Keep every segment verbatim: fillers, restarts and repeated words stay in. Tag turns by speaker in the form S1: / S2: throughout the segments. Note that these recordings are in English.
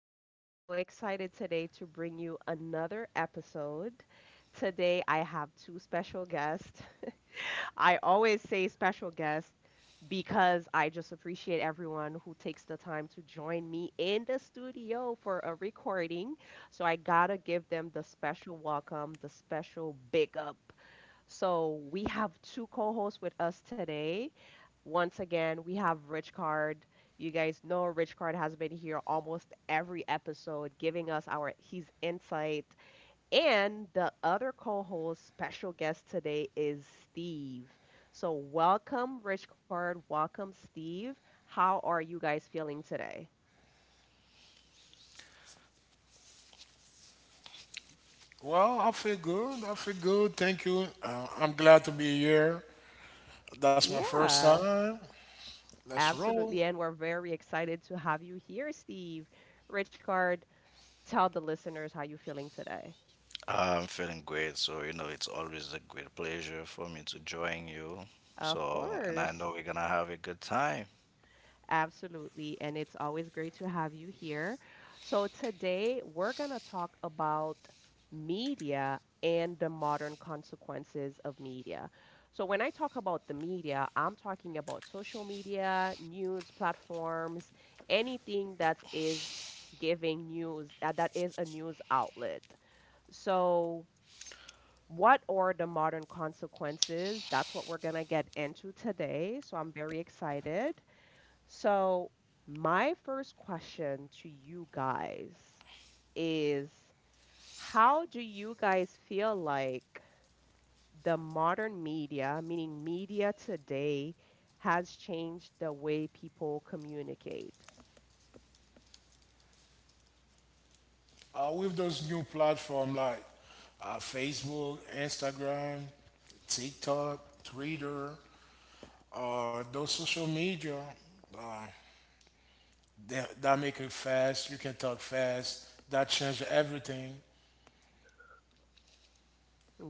S1: and I am so excited today to bring you another episode. Today, I have two special guests. I always say special guests because I just appreciate everyone who takes the time to join me in the studio for a recording. So, I gotta give them the special welcome, the special big up. So we have two co-hosts with us today. Once again, we have Rich Card. You guys know Rich Card has been here almost every episode, giving us our his insight. And the other co-host, special guest today is Steve. So welcome, Rich Card. Welcome, Steve. How are you guys feeling today?
S2: Well, I feel good. I feel good. Thank you. Uh, I'm glad to be here. That's my first
S1: Yeah,
S2: time. Let's roll.
S1: absolutely. And we're very excited to have you here, Steve. Rich Card, tell the listeners how you're feeling today.
S3: I'm feeling great, so you know it's always a great pleasure for me to join you.
S1: Of
S3: So, and I know
S1: course.
S3: we're gonna have a good time.
S1: Absolutely. And it's always great to have you here. So, today we're going to talk about media and the modern consequences of media. So, when I talk about the media, I'm talking about social media, news platforms, anything that is giving news, uh, that is a news outlet. So, what are the modern consequences? That's what we're going to get into today. So, I'm very excited. So, my first question to you guys is how do you guys feel like the modern media, meaning media today, has changed the way people communicate?
S2: Uh, with those new platform like uh, Facebook, Instagram, TikTok, Twitter, uh, those social media, uh, that, that make it fast. You can talk fast. That change everything.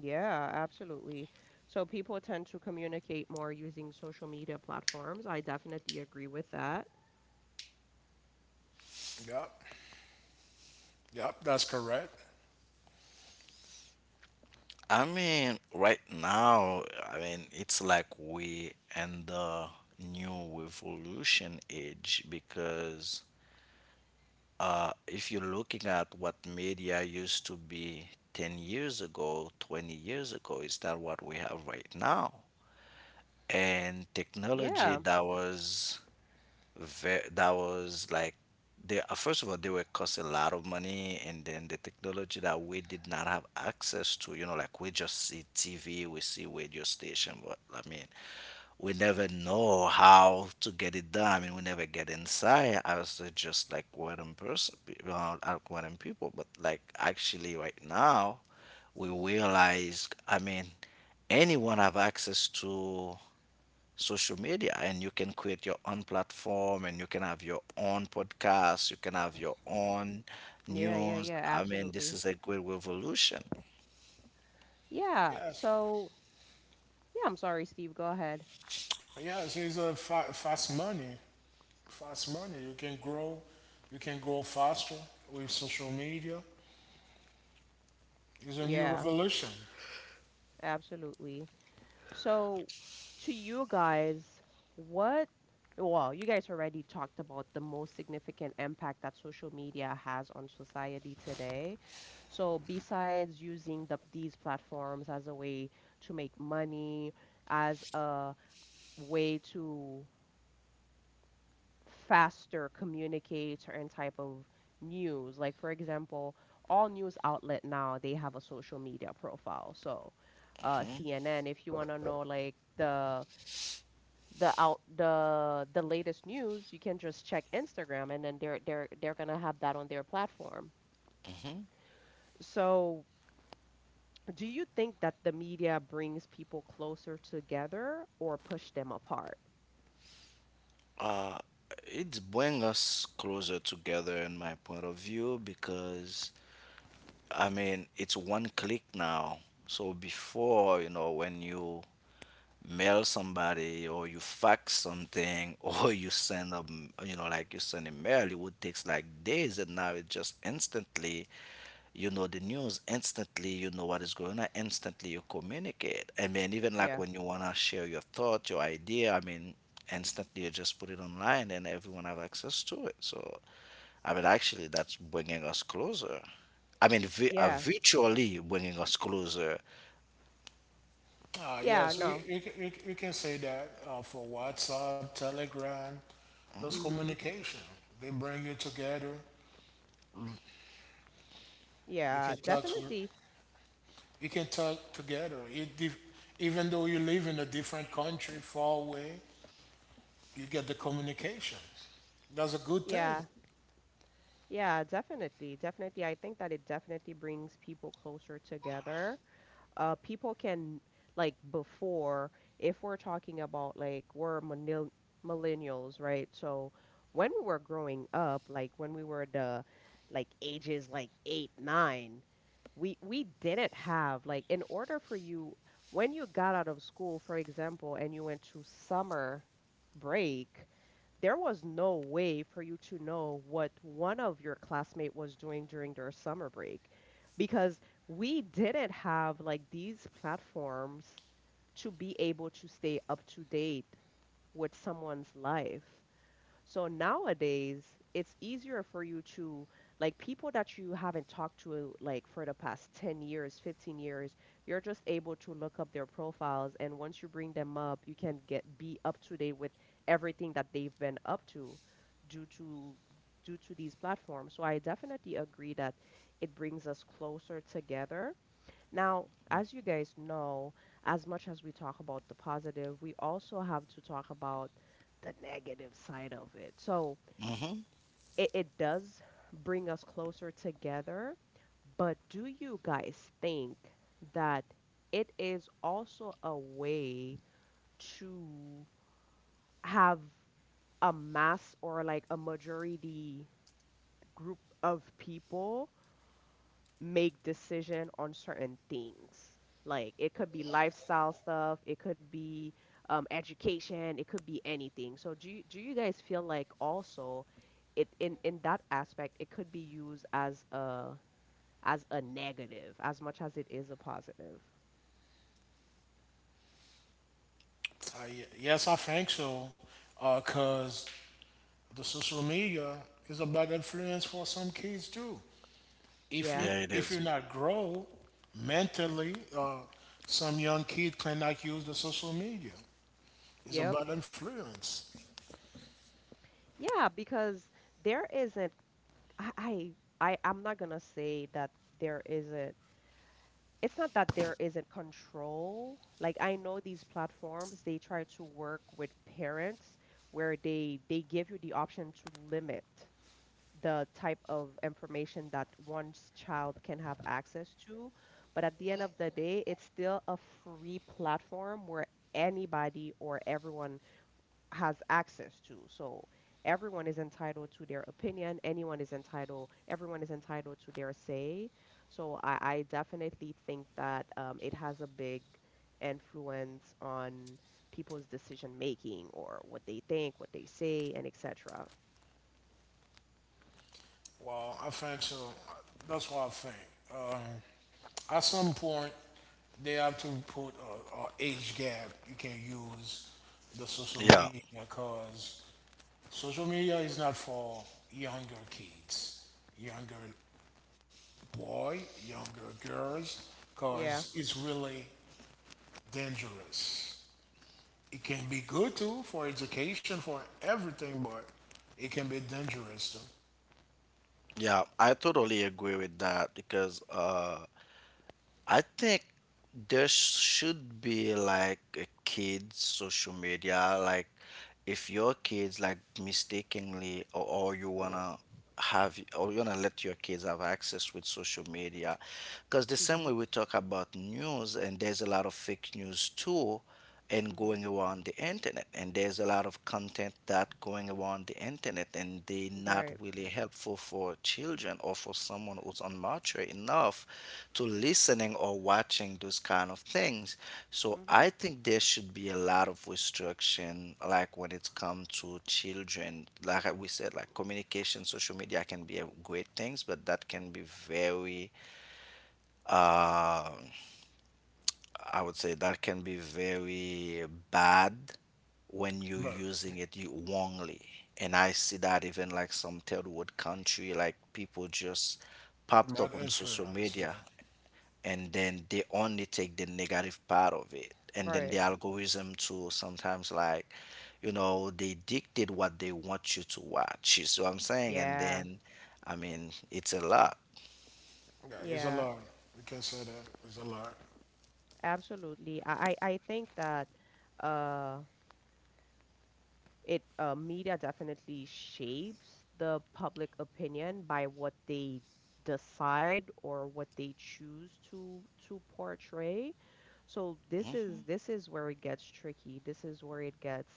S1: Yeah, absolutely. So, people tend to communicate more using social media platforms. I definitely agree with that.
S2: Yep. Yep. That's correct.
S3: I mean, right now, I mean, it's like we in the new revolution age because uh, if you're looking at what media used to be ten years ago, twenty years ago, it's not what we have right now. And technology
S1: Yeah,
S3: that was Ve- that was like they uh, first of all they were cost a lot of money, and then the technology that we did not have access to, you know like we just see tv, we see radio station, but I mean we never know how to get it done. I mean we never get inside. I was uh, just like random person, uh, like random people. But like actually right now we realize, I mean anyone have access to social media, and you can create your own platform and you can have your own podcast, you can have your own
S1: yeah, yeah,
S3: news.
S1: yeah,
S3: I mean this
S1: absolutely.
S3: is a great revolution.
S1: Yeah,
S2: Yes.
S1: so, yeah, I'm sorry, Steve, go ahead.
S2: Yes. It's a fa- fast money. Fast money. You can grow, you can grow faster with social media. It's a new
S1: Yeah,
S2: revolution.
S1: absolutely. So, to you guys, what, well, you guys already talked about the most significant impact that social media has on society today. So, besides using the, these platforms as a way to make money, as a way to faster communicate certain type of news, like for example, all news outlet now they have a social media profile. So, uh,
S3: Mhm.
S1: C N N, if you want to know like the the out the the latest news, you can just check Instagram and then they're they're they're gonna have that on their platform. So, do you think that the media brings people closer together or push them apart?
S3: uh, it's bring us closer together in my point of view, because I mean it's one click now. So before, you know when you mail somebody or you fax something or you send a m- you know like you send a mail, it would takes like days, and now it just instantly, you know the news instantly, you know what is going on instantly, you communicate. I mean even like
S1: Yeah.
S3: when you want to share your thought, your idea, I mean instantly you just put it online and everyone have access to it. So I mean actually that's bringing us closer. I mean vi- uh,
S1: Yeah.
S3: virtually bringing us closer.
S2: Ah,
S1: Yeah,
S2: yes, you,
S1: no.
S2: you, ca- you, you can say that uh, for WhatsApp, Telegram, those
S1: Mm-hmm.
S2: communication. They bring you together. You
S1: Yeah,
S2: can talk to,
S1: definitely.
S2: you can talk together. It dif- even though you live in a different country, far away, you get the communication. That's a good thing.
S1: Yeah. Yeah, definitely. Definitely. I think that it definitely brings people closer together. Uh, people can, like before, if we're talking about like we're millenn- millennials, right? So when we were growing up, like when we were the like ages like eight, nine, we we didn't have like, in order for you, when you got out of school, for example, and you went to summer break, there was no way for you to know what one of your classmate was doing during their summer break because we didn't have like these platforms to be able to stay up to date with someone's life. So nowadays, it's easier for you to, like people that you haven't talked to like for the past ten years, fifteen years, you're just able to look up their profiles and once you bring them up, you can get be up to date with everything that they've been up to due to due to these platforms. So I definitely agree that it brings us closer together. Now, as you guys know, as much as we talk about the positive, we also have to talk about the negative side of it. So
S3: Hmm.
S1: it, it does bring us closer together, but do you guys think that it is also a way to have a mass or like a majority group of people make decision on certain things. Like it could be lifestyle stuff, it could be um, education, it could be anything. So do you, do you guys feel like also it, in in that aspect, it could be used as a as a negative as much as it is a positive?
S2: I, yes, I think so. Because the social media is a bad influence for some kids too. If
S1: Yeah.
S2: you
S3: Yeah, it
S2: if
S3: is.
S2: you're not grow mentally, uh, some young kid cannot use the social media. It's a
S1: Yep.
S2: bad influence.
S1: Yeah, because there isn't I I I- I'm not gonna say that there isn't, it's not that there isn't control. Like I know these platforms, they try to work with parents where they they give you the option to limit the type of information that one's child can have access to. But at the end of the day, it's still a free platform where anybody or everyone has access to. So everyone is entitled to their opinion. Anyone is entitled. Everyone is entitled to their say. So I, I definitely think that um, it has a big influence on people's decision making or what they think, what they say, and et cetera.
S2: Well, I think so. That's what I think. Um, at some point, they have to put a, a age gap. You can use the social
S3: Yeah.
S2: media because social media is not for younger kids, younger boy, younger girls,
S1: Yeah.
S2: because it's really dangerous. It can be good too for education, for everything, but it can be dangerous too.
S3: Yeah, I totally agree with that because uh, I think there should be like a kid's social media. Like, if your kids like mistakenly or, or you wanna have or you wanna let your kids have access with social media, because the same way
S1: Mhm.
S3: we talk about news, and there's a lot of fake news too and going
S1: Mhm.
S3: around the internet, and there's a lot of content that going around the internet and they not
S1: Right.
S3: really helpful for children or for someone who's unmature enough to listening or watching those kind of things. So
S1: Mhm.
S3: I think there should be a lot of restriction, like when it comes to children. Like I- we said, like communication, social media can be a great things, but that can be very uh I would say that can be very bad when you're
S2: But
S3: using it you wrongly. And I see that even like some third world country, like people just popped up
S2: not
S3: on social
S2: influence, yeah.
S3: media and then they only take the negative part of it. And then the
S1: Right.
S3: algorithm to sometimes, like, you know, they dictate what they want you to watch. You see what I'm saying? And
S1: Yeah.
S3: then, I mean, it's a lot.
S2: Yeah, it's a
S1: Yeah.
S2: lot. We can say that it's a lot.
S1: Absolutely. I I I think that. Uh. it uh, Media definitely shapes the public opinion by what they decide or what they choose to to portray. So this is
S3: Hmm.
S1: this is where it gets tricky. This is where it gets,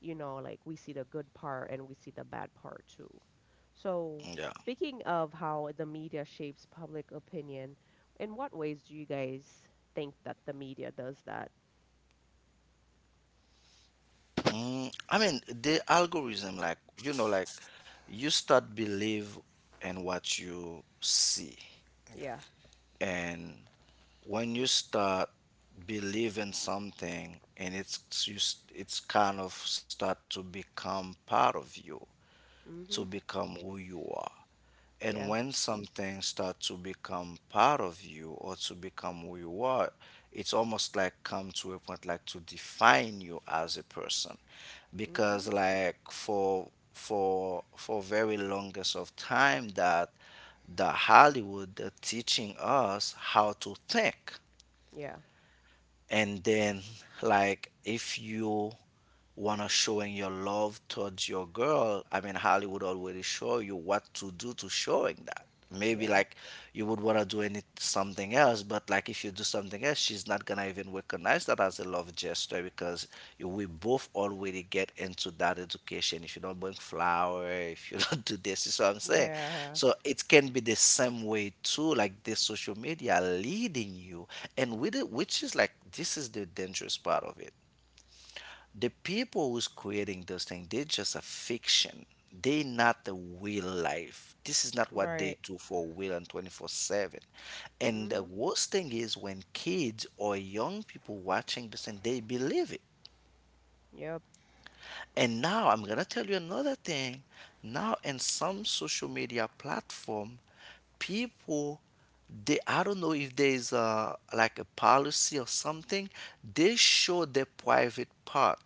S1: you know, like we see the good part and we see the bad part too. So
S3: Yeah.
S1: speaking of how the media shapes public opinion, in what ways do you guys think that the media does that?
S3: Mm, I mean, the algorithm, like, you know, like you start believe in what you see.
S2: Yeah.
S1: Yeah.
S3: And when you start believing something, and it's you, s- it's kind of start to become part of you, to
S1: Mhm.
S3: become who you are. And
S1: Yeah.
S3: when something starts to become part of you or to become who you are, it's almost like come to a point like to define you as a person. Because
S1: Mhm.
S3: like for for for very longest of time that the Hollywood are teaching us how to think.
S1: Yeah.
S3: And then like if you wanna showing your love towards your girl, I mean Hollywood already show you what to do to showing that. Maybe
S1: Yeah.
S3: like you would wanna do any something else, but like if you do something else she's not gonna even recognize that as as a love gesture, because you, we both already get into that education. If you don't bring flower, if you don't do this, you see what I'm saying?
S1: Yeah,
S3: So it can be the same way too, like the social media leading you, and with it, which is like this is the dangerous part of it. The people who's creating those things, they're just a fiction, they not the real life, this is not what
S1: right.
S3: they do for real and twenty-four seven. And the
S1: Mhm.
S3: worst thing is when kids or young people watching this and they believe it.
S1: Yep.
S3: And now I'm gonna tell you another thing. Now in some social media platform, people, they, I don't know if there is a like a policy or something, they show their private part,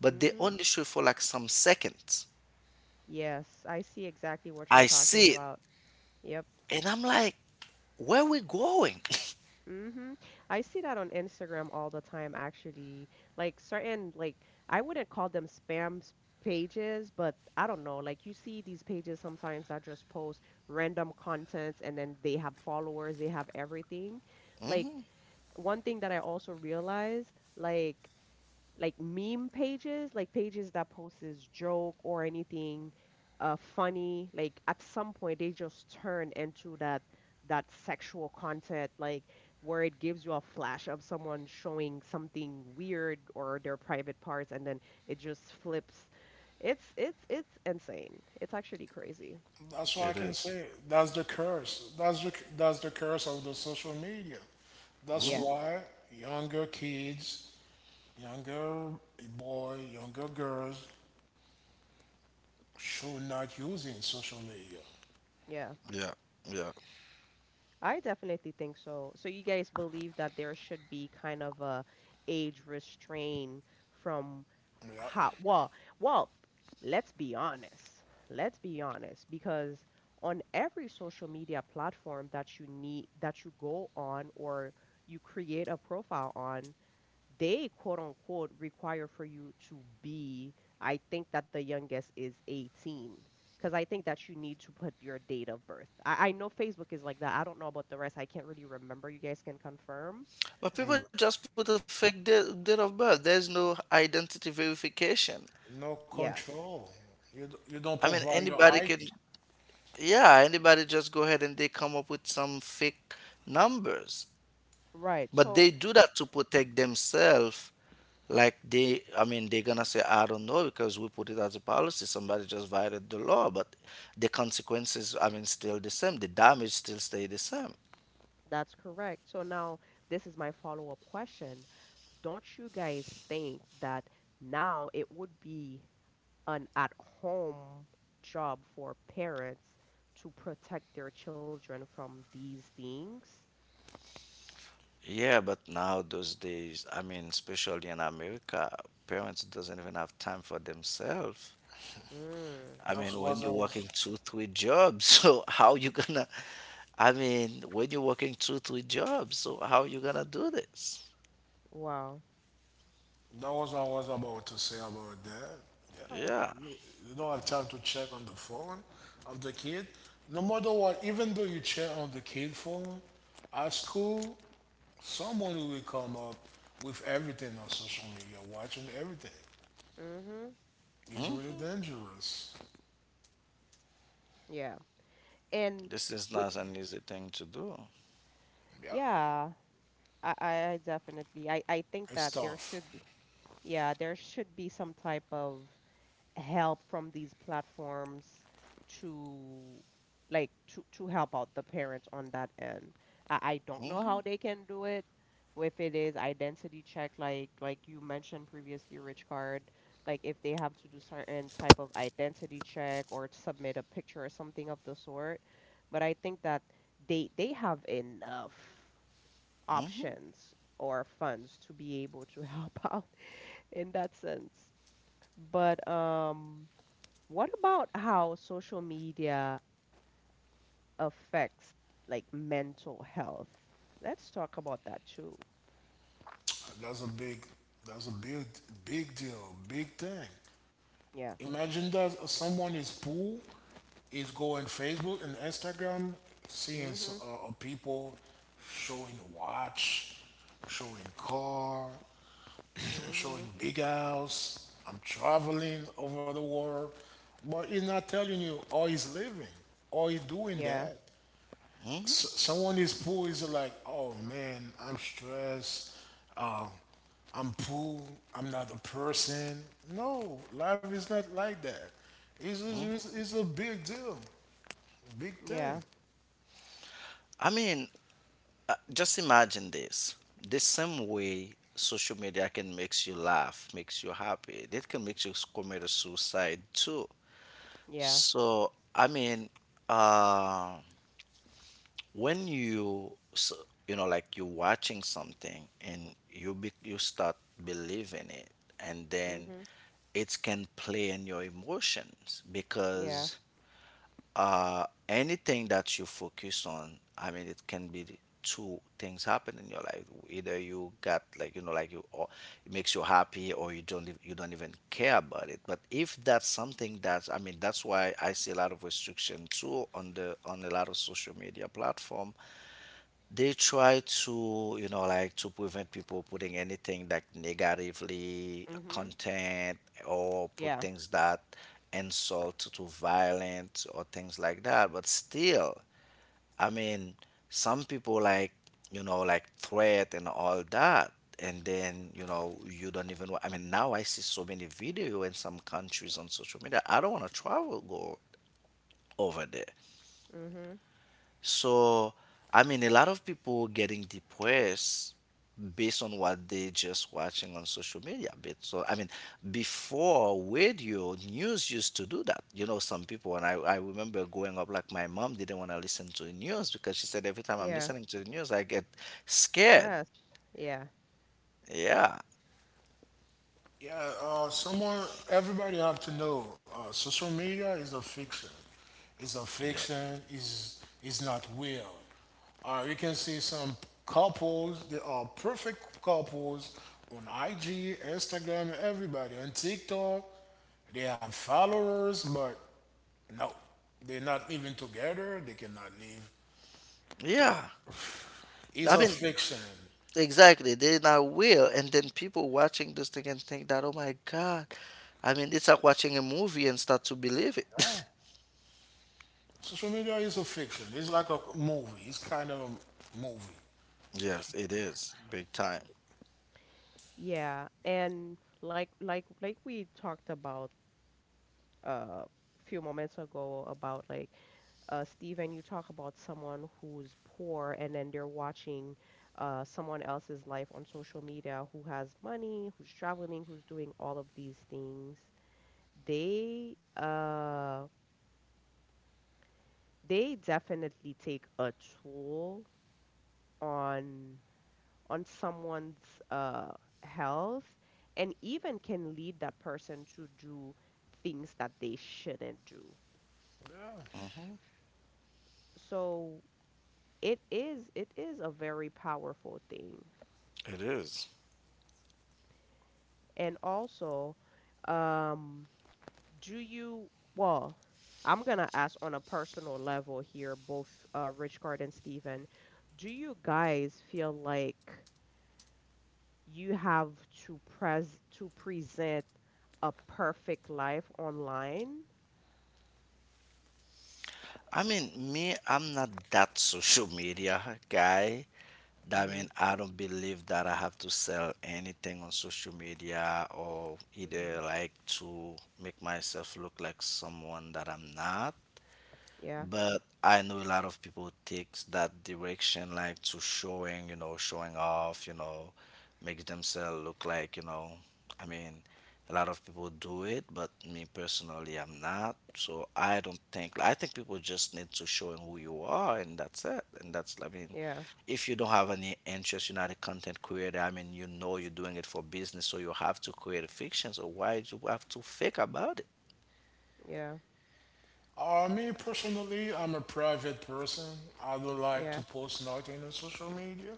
S3: but they
S1: Mhm.
S3: only show it for like some seconds.
S1: Yes, I see exactly what
S3: I
S1: you're
S3: see
S1: talking
S3: it
S1: about. Yep.
S3: and I'm like, where we going?
S1: Mhm. I see that on Instagram all the time actually. Like certain like I wouldn't call them spam s- pages, but I don't know, like you see these pages sometimes that just post random contents and then they have followers, they have everything. Like
S3: Hmm.
S1: one thing that I also realized, like like meme pages, like pages that posts joke or anything uh, funny. Like at some point, they just turn into that that sexual content, like where it gives you a flash of someone showing something weird or their private parts, and then it just flips. It's it's it's insane. It's actually crazy.
S2: That's what I can
S3: It,
S2: say. That's the curse. That's the that's the curse of the social media. That's
S1: Yeah,
S3: hmm,
S2: why younger kids, younger boy, younger girls should not using social media.
S1: yeah.
S3: yeah, yeah.
S1: I definitely think so. So you guys believe that there should be kind of a age restraint from
S2: Yeah.
S1: how well well, let's be honest, let's be honest, because on every social media platform that you need that you go on or you create a profile on, they, quote unquote, require for you to be, I think that the youngest is eighteen, because I think that you need to put your date of birth. I, I know Facebook is like that. I don't know about the rest, I can't really remember, you guys can confirm.
S2: Mm,
S3: But people just put a fake date, date of birth. There's no identity verification.
S2: no
S1: Yes,
S2: control. You, d- you don't
S3: I mean,
S2: provide your
S3: anybody
S2: I D.
S3: can. Yeah, anybody just go ahead and they come up with some fake numbers.
S1: right
S3: But
S1: so.
S3: they do that to protect themselves. Like they, I mean, they're gonna say, I don't know, because we put it as a policy. Somebody just violated the law, but the consequences, I mean, still the same. The damage still stay the same.
S1: That's correct. So now this is my follow-up question. Don't you guys think that now it would be an at-home job for parents to protect their children from these things?
S3: Yeah, but now those days, I mean, especially in America, parents doesn't even have time for themselves.
S1: Mm,
S3: I
S2: That's
S3: mean,
S2: what
S3: when
S2: I
S3: you're
S2: was.
S3: working two, three jobs, so how you gonna? I mean, when you're working two, three jobs, so how you gonna do this?
S1: wow.
S2: That was I was about to say about that. Yeah,
S3: Yeah.
S2: you, you don't have time to check on the phone of the kid. No matter what, even though you check on the kid phone, at school, someone will come up with everything on social media, watching everything.
S1: Mm-hmm.
S2: It's really
S3: hmm
S2: dangerous.
S1: Yeah. And
S3: this is
S1: we,
S3: not an easy thing to do.
S2: Yeah,
S1: yeah, I, I I definitely, I, I think
S2: it's
S1: that there
S2: tough.
S1: should be, yeah, there should be some type of help from these platforms to, like to to help out the parents on that end. I, I don't know
S3: hmm
S1: how they can do it. If it is identity check, like like you mentioned previously, Rich Card, like if they have to do certain type of identity check or submit a picture or something of the sort. But I think that they they have enough options or funds to be able to help out in that sense. But um what about how social media affects like mental health? Let's talk about that too.
S2: That's a big, that's a big, big deal, big thing.
S1: Yeah.
S2: Imagine that someone is poor, is going Facebook and Instagram, seeing s-
S1: Mhm.
S2: uh, uh, people showing watch, showing car,
S1: Mhm.
S2: showing big house. I'm traveling over the world, but he's not telling you, or he's living, or he's doing
S1: Yeah.
S2: that s- someone is poor is like, oh man, I'm stressed. Uh, I'm poor. I'm not a person. No, life is not like that. It's, it's, it's it's a big deal, big
S1: Yeah.
S2: thing.
S3: I mean, uh, just imagine this. The same way social media can makes you laugh, makes you happy, it can make you s- commit a suicide too.
S1: Yeah.
S3: So, I mean, uh, when you s- you know like you're watching something, and you be, you start believing it, and then
S1: Mhm.
S3: it can play in your emotions
S1: Yeah.
S3: because uh anything that you focus on, I mean it can be the two things happen in your life: either you got, like you know like you, or it makes you happy, or you don't ev- you don't even care about it. But if that's something that's, I mean, that's why I see a lot of restriction too, on the on a lot of social media platform. They try to you know like to prevent people putting anything like negatively
S1: Mhm.
S3: content, or put
S1: Yeah.
S3: things that insult to violence or things like that. But still, I mean some people, like you know like threat and all that. And then you know you don't even wa- I mean now I see so many video in some countries on social media, I don't want to travel go over there.
S1: Mhm.
S3: So, I mean, a lot of people getting depressed based on what they just watching on social media. But so, I mean, before radio news used to do that. You know, some people, and I, I remember growing up, like my mom didn't want to listen to the news, because she said every time I'm
S1: Yeah.
S3: listening to the news, I get scared.
S1: Stress. Yeah.
S3: Yeah.
S2: Yeah, uh, someone, everybody have to know, uh, social media is a fiction. It's a
S3: Yeah.
S2: fiction. Is is not real. Uh, you can see some couples. They are perfect couples on I G, Instagram, everybody on TikTok. They have followers, but no, they're not living together. They cannot live.
S3: Yeah.
S2: It's
S3: I
S2: a
S3: mean,
S2: fiction.
S3: exactly. They're not real. And then people watching this thing and think that, oh my God. I mean, it's like watching a movie and start to believe it.
S2: Social media is a fiction. It's like a movie. It's kind of a movie.
S3: Yes, it is big time.
S1: Yeah. And like like like we talked about uh few moments ago about like uh, Steven, you talk about someone who's poor and then they're watching uh, someone else's life on social media who has money, who's traveling, who's doing all of these things. They uh, they definitely take a toll on on someone's uh, health and even can lead that person to do things that they shouldn't do.
S3: Mhm.
S1: So it is it is a very powerful thing.
S3: It is.
S1: And also, um, do you, well, I'm gonna ask on a personal level here, both uh, Richcard and Steven, do you guys feel like you have to pres to present a perfect life online?
S3: I mean, me, I'm not that social media guy. I
S1: Mm-hmm.
S3: mean I don't believe that I have to sell anything on social media, or
S1: Mm-hmm.
S3: either like to make myself look like someone that I'm not.
S1: Yeah.
S3: But I know a lot of people takes that direction, like to showing, you know, showing off, you know, makes themselves look like, you know, I mean, a lot of people do it, but me personally, I'm not. So I don't think, I think people just need to show who you are and that's it. And that's, I mean,
S1: Yeah.
S3: if you don't have any interest, you're not a content creator. I mean, you know you're doing it for business, so you have to create a fiction. So why do you have to fake about it?
S1: Yeah.
S2: Uh, me personally, I'm a private person. I don't like to
S1: Yeah.
S2: post nothing on social media.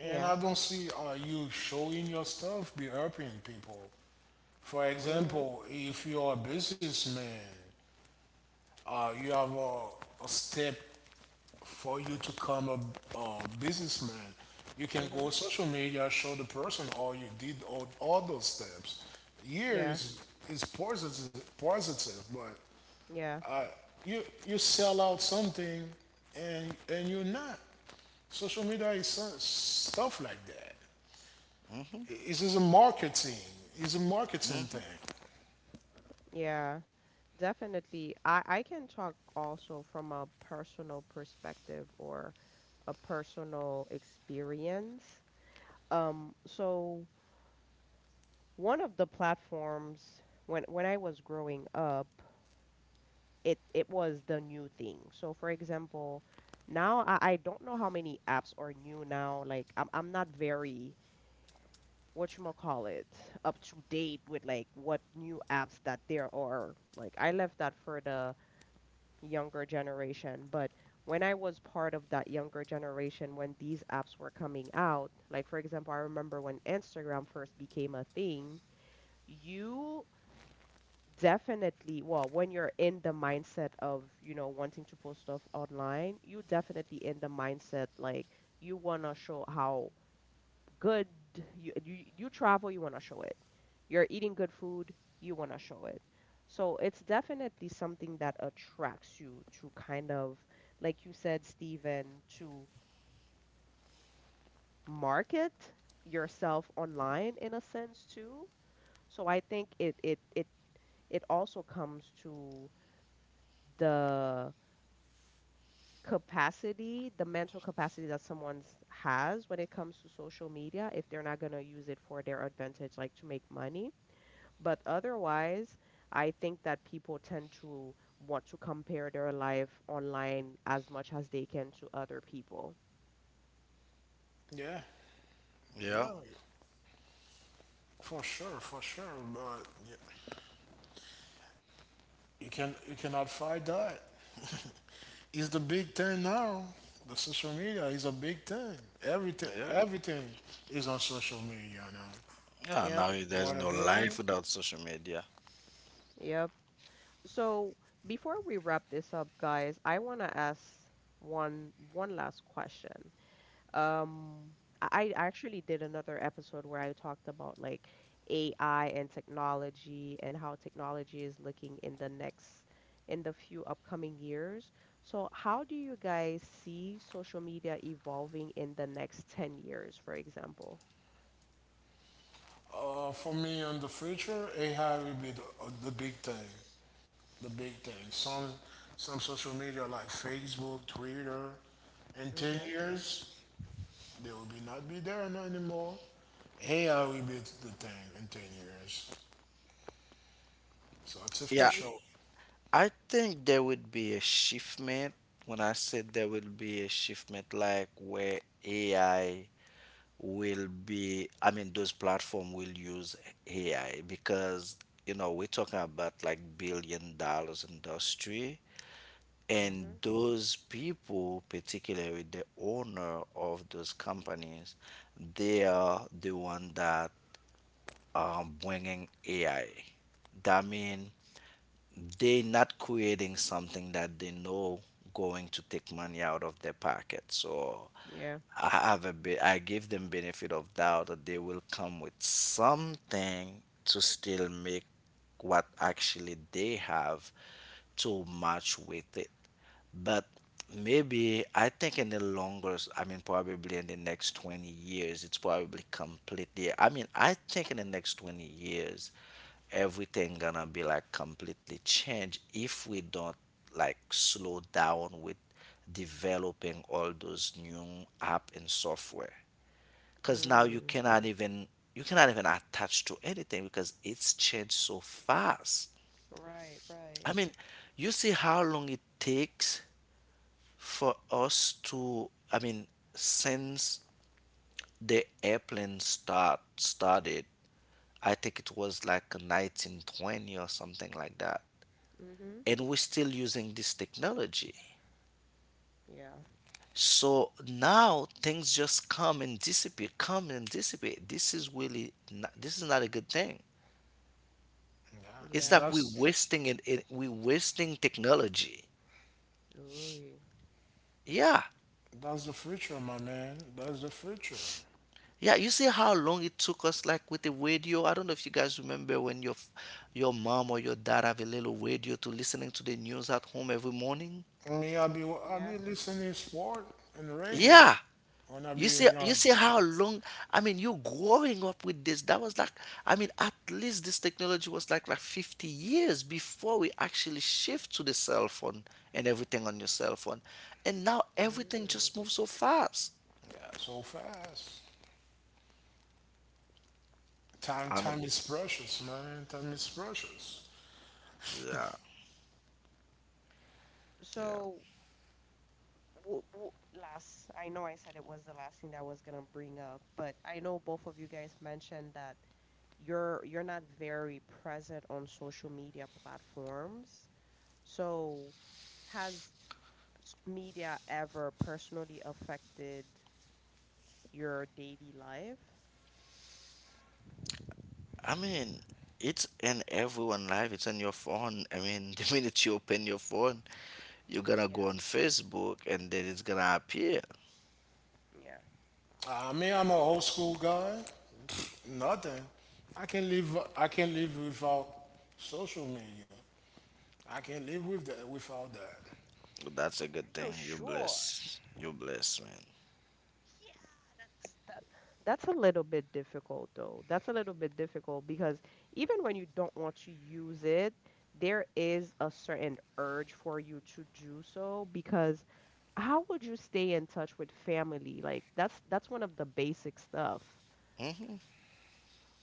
S2: And
S1: Yeah.
S2: I don't see uh, you showing your stuff be helping people. For
S1: Mm-hmm.
S2: example, if you're a businessman, uh, you have a, a step for you to become a, a businessman. You can
S1: Mm-hmm.
S2: go social media, show the person all you did, all, all those steps. Here
S1: Yeah.
S2: is, is positive, positive, but
S1: Yeah.
S2: you you sell out something and and you're not. Social media is so- stuff like that.
S3: Hmm.
S2: It is a marketing. It's a marketing thing.
S3: Hmm.
S1: Yeah. Definitely. I I can talk also from a personal perspective or a personal experience. Um, so one of the platforms when when I was growing up, it it was the new thing. So for example, now I, I don't know how many apps are new now. Like I'm I'm not very, what you call it, up to date with like what new apps that there are. Like I left that for the younger generation. But when I was part of that younger generation, when these apps were coming out, like for example, I remember when Instagram first became a thing, you definitely, well, when you're in the mindset of, you know, wanting to post stuff online, you definitely in the mindset like you want to show how good you you, you travel, you want to show it, you're eating good food, you want to show it. So it's definitely something that attracts you to kind of, like you said, Stephen, to market yourself online in a sense too. So i think it it it it also comes to the capacity, the mental capacity that someone has when it comes to social media, if they're not going to use it for their advantage, like to make money. But otherwise, I think that people tend to want to compare their life online as much as they can to other people.
S2: Yeah,
S3: Yeah.
S2: yeah, for sure, for sure. But yeah, you can you cannot fight that. it's the big thing now. The social media is a big thing. Everything
S3: Yeah.
S2: everything is on social media now.
S3: Yeah,
S1: Yep,
S3: now there's
S2: What are
S3: no life
S2: they?
S3: without social media.
S1: yep. So before we wrap this up, guys, I want to ask one one last question. Um, I I actually did another episode where I talked about like A I and technology, and how technology is looking in the next, in the few upcoming years. So how do you guys see social media evolving in the next ten years, for example?
S2: Uh, for me, in the future, A I will be the, the big thing, the big thing. Some some social media like Facebook, Twitter, in ten
S1: Mm-hmm.
S2: years they will be not be there no anymore. A I will be the thing in ten years. So it's
S1: So
S3: Yeah,
S1: you,
S2: official.
S3: I think there would be a shiftment. When I said there will be a shiftment, like where A I will be, I mean, those platform will use A I because, you know, we're talking about like billion dollars industry. And
S1: mm-hmm.
S3: those people, particularly the owner of those companies, they are the one that um, bringing A I. That mean they not creating something that they know going to take money out of their pocket. So
S1: Yeah.
S3: I have a bit. I give them benefit of doubt that they will come with something to still make what actually they have to match with it. But maybe I think in the longer, s- I mean, probably in the next twenty years, it's probably completely. I mean, I think in the next twenty years, everything gonna be like completely changed if we don't like slow down with developing all those new app and software. Because now you
S1: Mm.
S3: cannot even you cannot even attach to anything, because it's changed so fast.
S1: Right,
S3: I
S1: right.
S3: mean, you see how long it takes for us to, I mean, since the airplane start started, I think it was like nineteen twenty or something like that,
S1: Mm-hmm.
S3: and we're still using this technology.
S1: Yeah.
S3: So now things just come and dissipate, come and dissipate. This is really not, this is not a good thing.
S2: Yeah,
S3: It's like
S1: Yeah.
S3: we're
S2: that's
S3: wasting it, it we're wasting technology.
S1: Ooh.
S3: Yeah.
S2: that's the future, my man. That's the future.
S3: Yeah, you see how long it took us, like with the radio. I don't know if you guys remember when your f- your mom or your dad have a little radio to listening to the news at home every morning.
S2: I mean, I be I be
S1: Yeah.
S2: listening sport and radio
S3: Yeah,
S2: when I
S3: you
S2: be
S3: see, you
S2: younger.
S3: see how long. I mean, you growing up with this. That was like, I mean, at least this technology was like like fifty years before we actually shift to the cell phone and everything on your cell phone. And now everything just
S1: Mm.
S3: moves so fast.
S2: Yeah, so fast. Time
S3: I don't.
S2: time is precious, man. Time is precious.
S3: Yeah, yeah.
S1: So, w- w- last, I know I said it was the last thing that I was gonna bring up, but I know both of you guys mentioned that you're you're not very present on social media platforms. So has s- media ever personally affected your daily life?
S3: I mean, it's in everyone life. It's on your phone. I mean, the minute you open your phone, you're gonna
S1: Yeah,
S3: go on Facebook and then it's gonna appear.
S1: yeah.
S2: I mean, I'm an old school guy. Nothing. I can live. I can live without social media. I can live with that. Without that.
S3: That's a
S1: Are
S3: good
S1: you
S3: thing. You're
S1: sure?
S3: blessed. You're blessed, man.
S1: Yeah, that's that, that's a little bit difficult though. That's a little bit difficult because even when you don't want to use it, there is a certain urge for you to do so, because how would you stay in touch with family? Like that's that's one of the basic stuff.
S3: Hmm.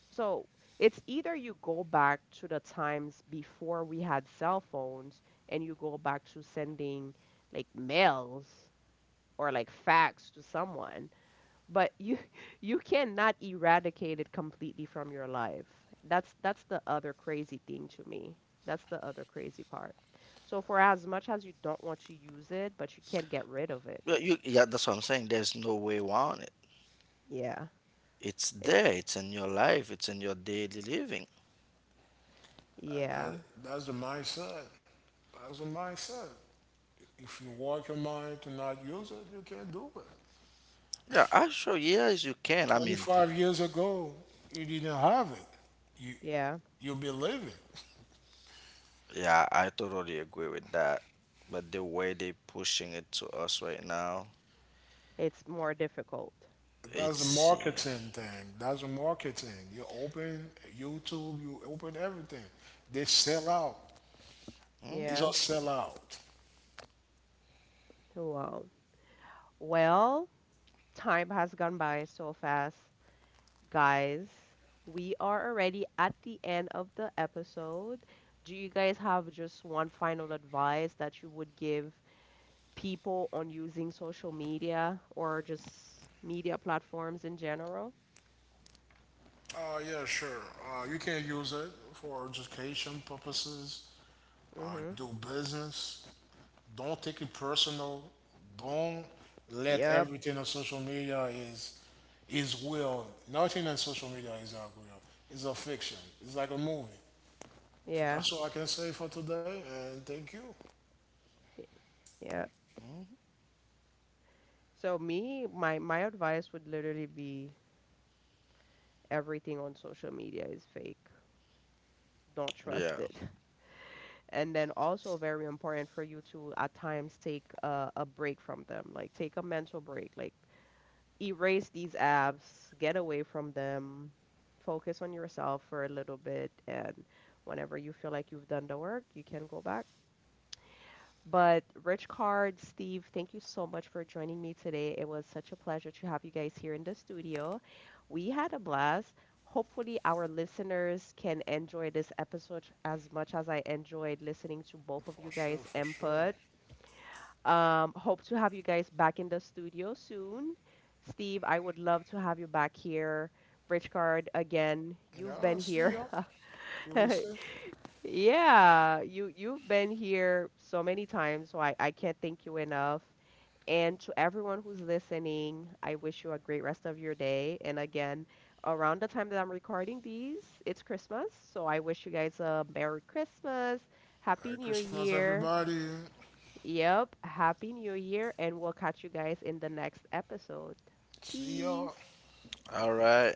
S1: So it's either you go back to the times before we had cell phones, and you go back to sending like mails or like fax to someone, but you you cannot eradicate it completely from your life. That's that's the other crazy thing to me, that's the other crazy part. So for as much as you don't want to use it, but you can't get rid of it.
S3: But you, yeah, that's what I'm saying. There's no way around it.
S1: Yeah,
S3: It's there.
S1: it's,
S3: It's in your life. It's in your daily living.
S2: That,
S1: yeah.
S2: that that's the mindset. That's the mindset. If you work your mind to not use it, you can't do it.
S3: Yeah, I sure. Yes, you can. I mean,
S2: twenty-five years ago, you didn't have it. You
S1: Yeah,
S2: you believe it.
S3: yeah, I totally agree with that. But the way they pushing it to us right now,
S1: it's more difficult.
S2: That's the
S3: it's yeah.
S2: marketing thing. That's the marketing. You open YouTube, you open everything. They sell out. It's a
S3: Hmm.
S1: Yeah.
S2: sellout.
S1: Wow. Well, time has gone by so fast, guys. We are already at the end of the episode. Do you guys have just one final advice that you would give people on using social media or just media platforms in general?
S2: Uh, yeah, sure. Uh, you can use it for education purposes, uh,
S1: Mm-hmm.
S2: do business. Don't take it personal. Don't let
S1: Yep.
S2: everything on social media is is real. Nothing on social media is not real. It's a fiction. It's like a movie.
S1: Yeah.
S2: That's all I can say for today. And thank you.
S1: Yeah.
S3: Hmm.
S1: So me, my my advice would literally be everything on social media is fake. Don't
S3: Yeah.
S1: trust it. And then also, very important for you to at times take a, a break from them. Like take a mental break. Like erase these apps, get away from them, focus on yourself for a little bit, and whenever you feel like you've done the work, you can go back. But Rich Card, Steve, thank you so much for joining me today. It was such a pleasure to have you guys here in the studio. We had a blast. Hopefully our listeners can enjoy this episode as much as I enjoyed listening to both of
S2: For
S1: you
S2: sure,
S1: guys'
S2: for sure.
S1: input. Um, hope to have you guys back in the studio soon. Steve, I would love to have you back here. Rich Card, again, you've
S2: Yeah,
S1: been
S2: see
S1: here.
S2: y'all. You will see.
S1: Yeah, you you've been here so many times, so I, I can't thank you enough. And to everyone who's listening, I wish you a great rest of your day. And again, around the time that I'm recording these, it's Christmas, so I wish you guys a Merry Christmas, Happy
S2: Merry
S1: New
S2: Christmas,
S1: Year.
S2: everybody.
S1: Yep. Happy New Year, and we'll catch you guys in the next episode.
S2: See y'all.
S1: Peace.
S3: All right.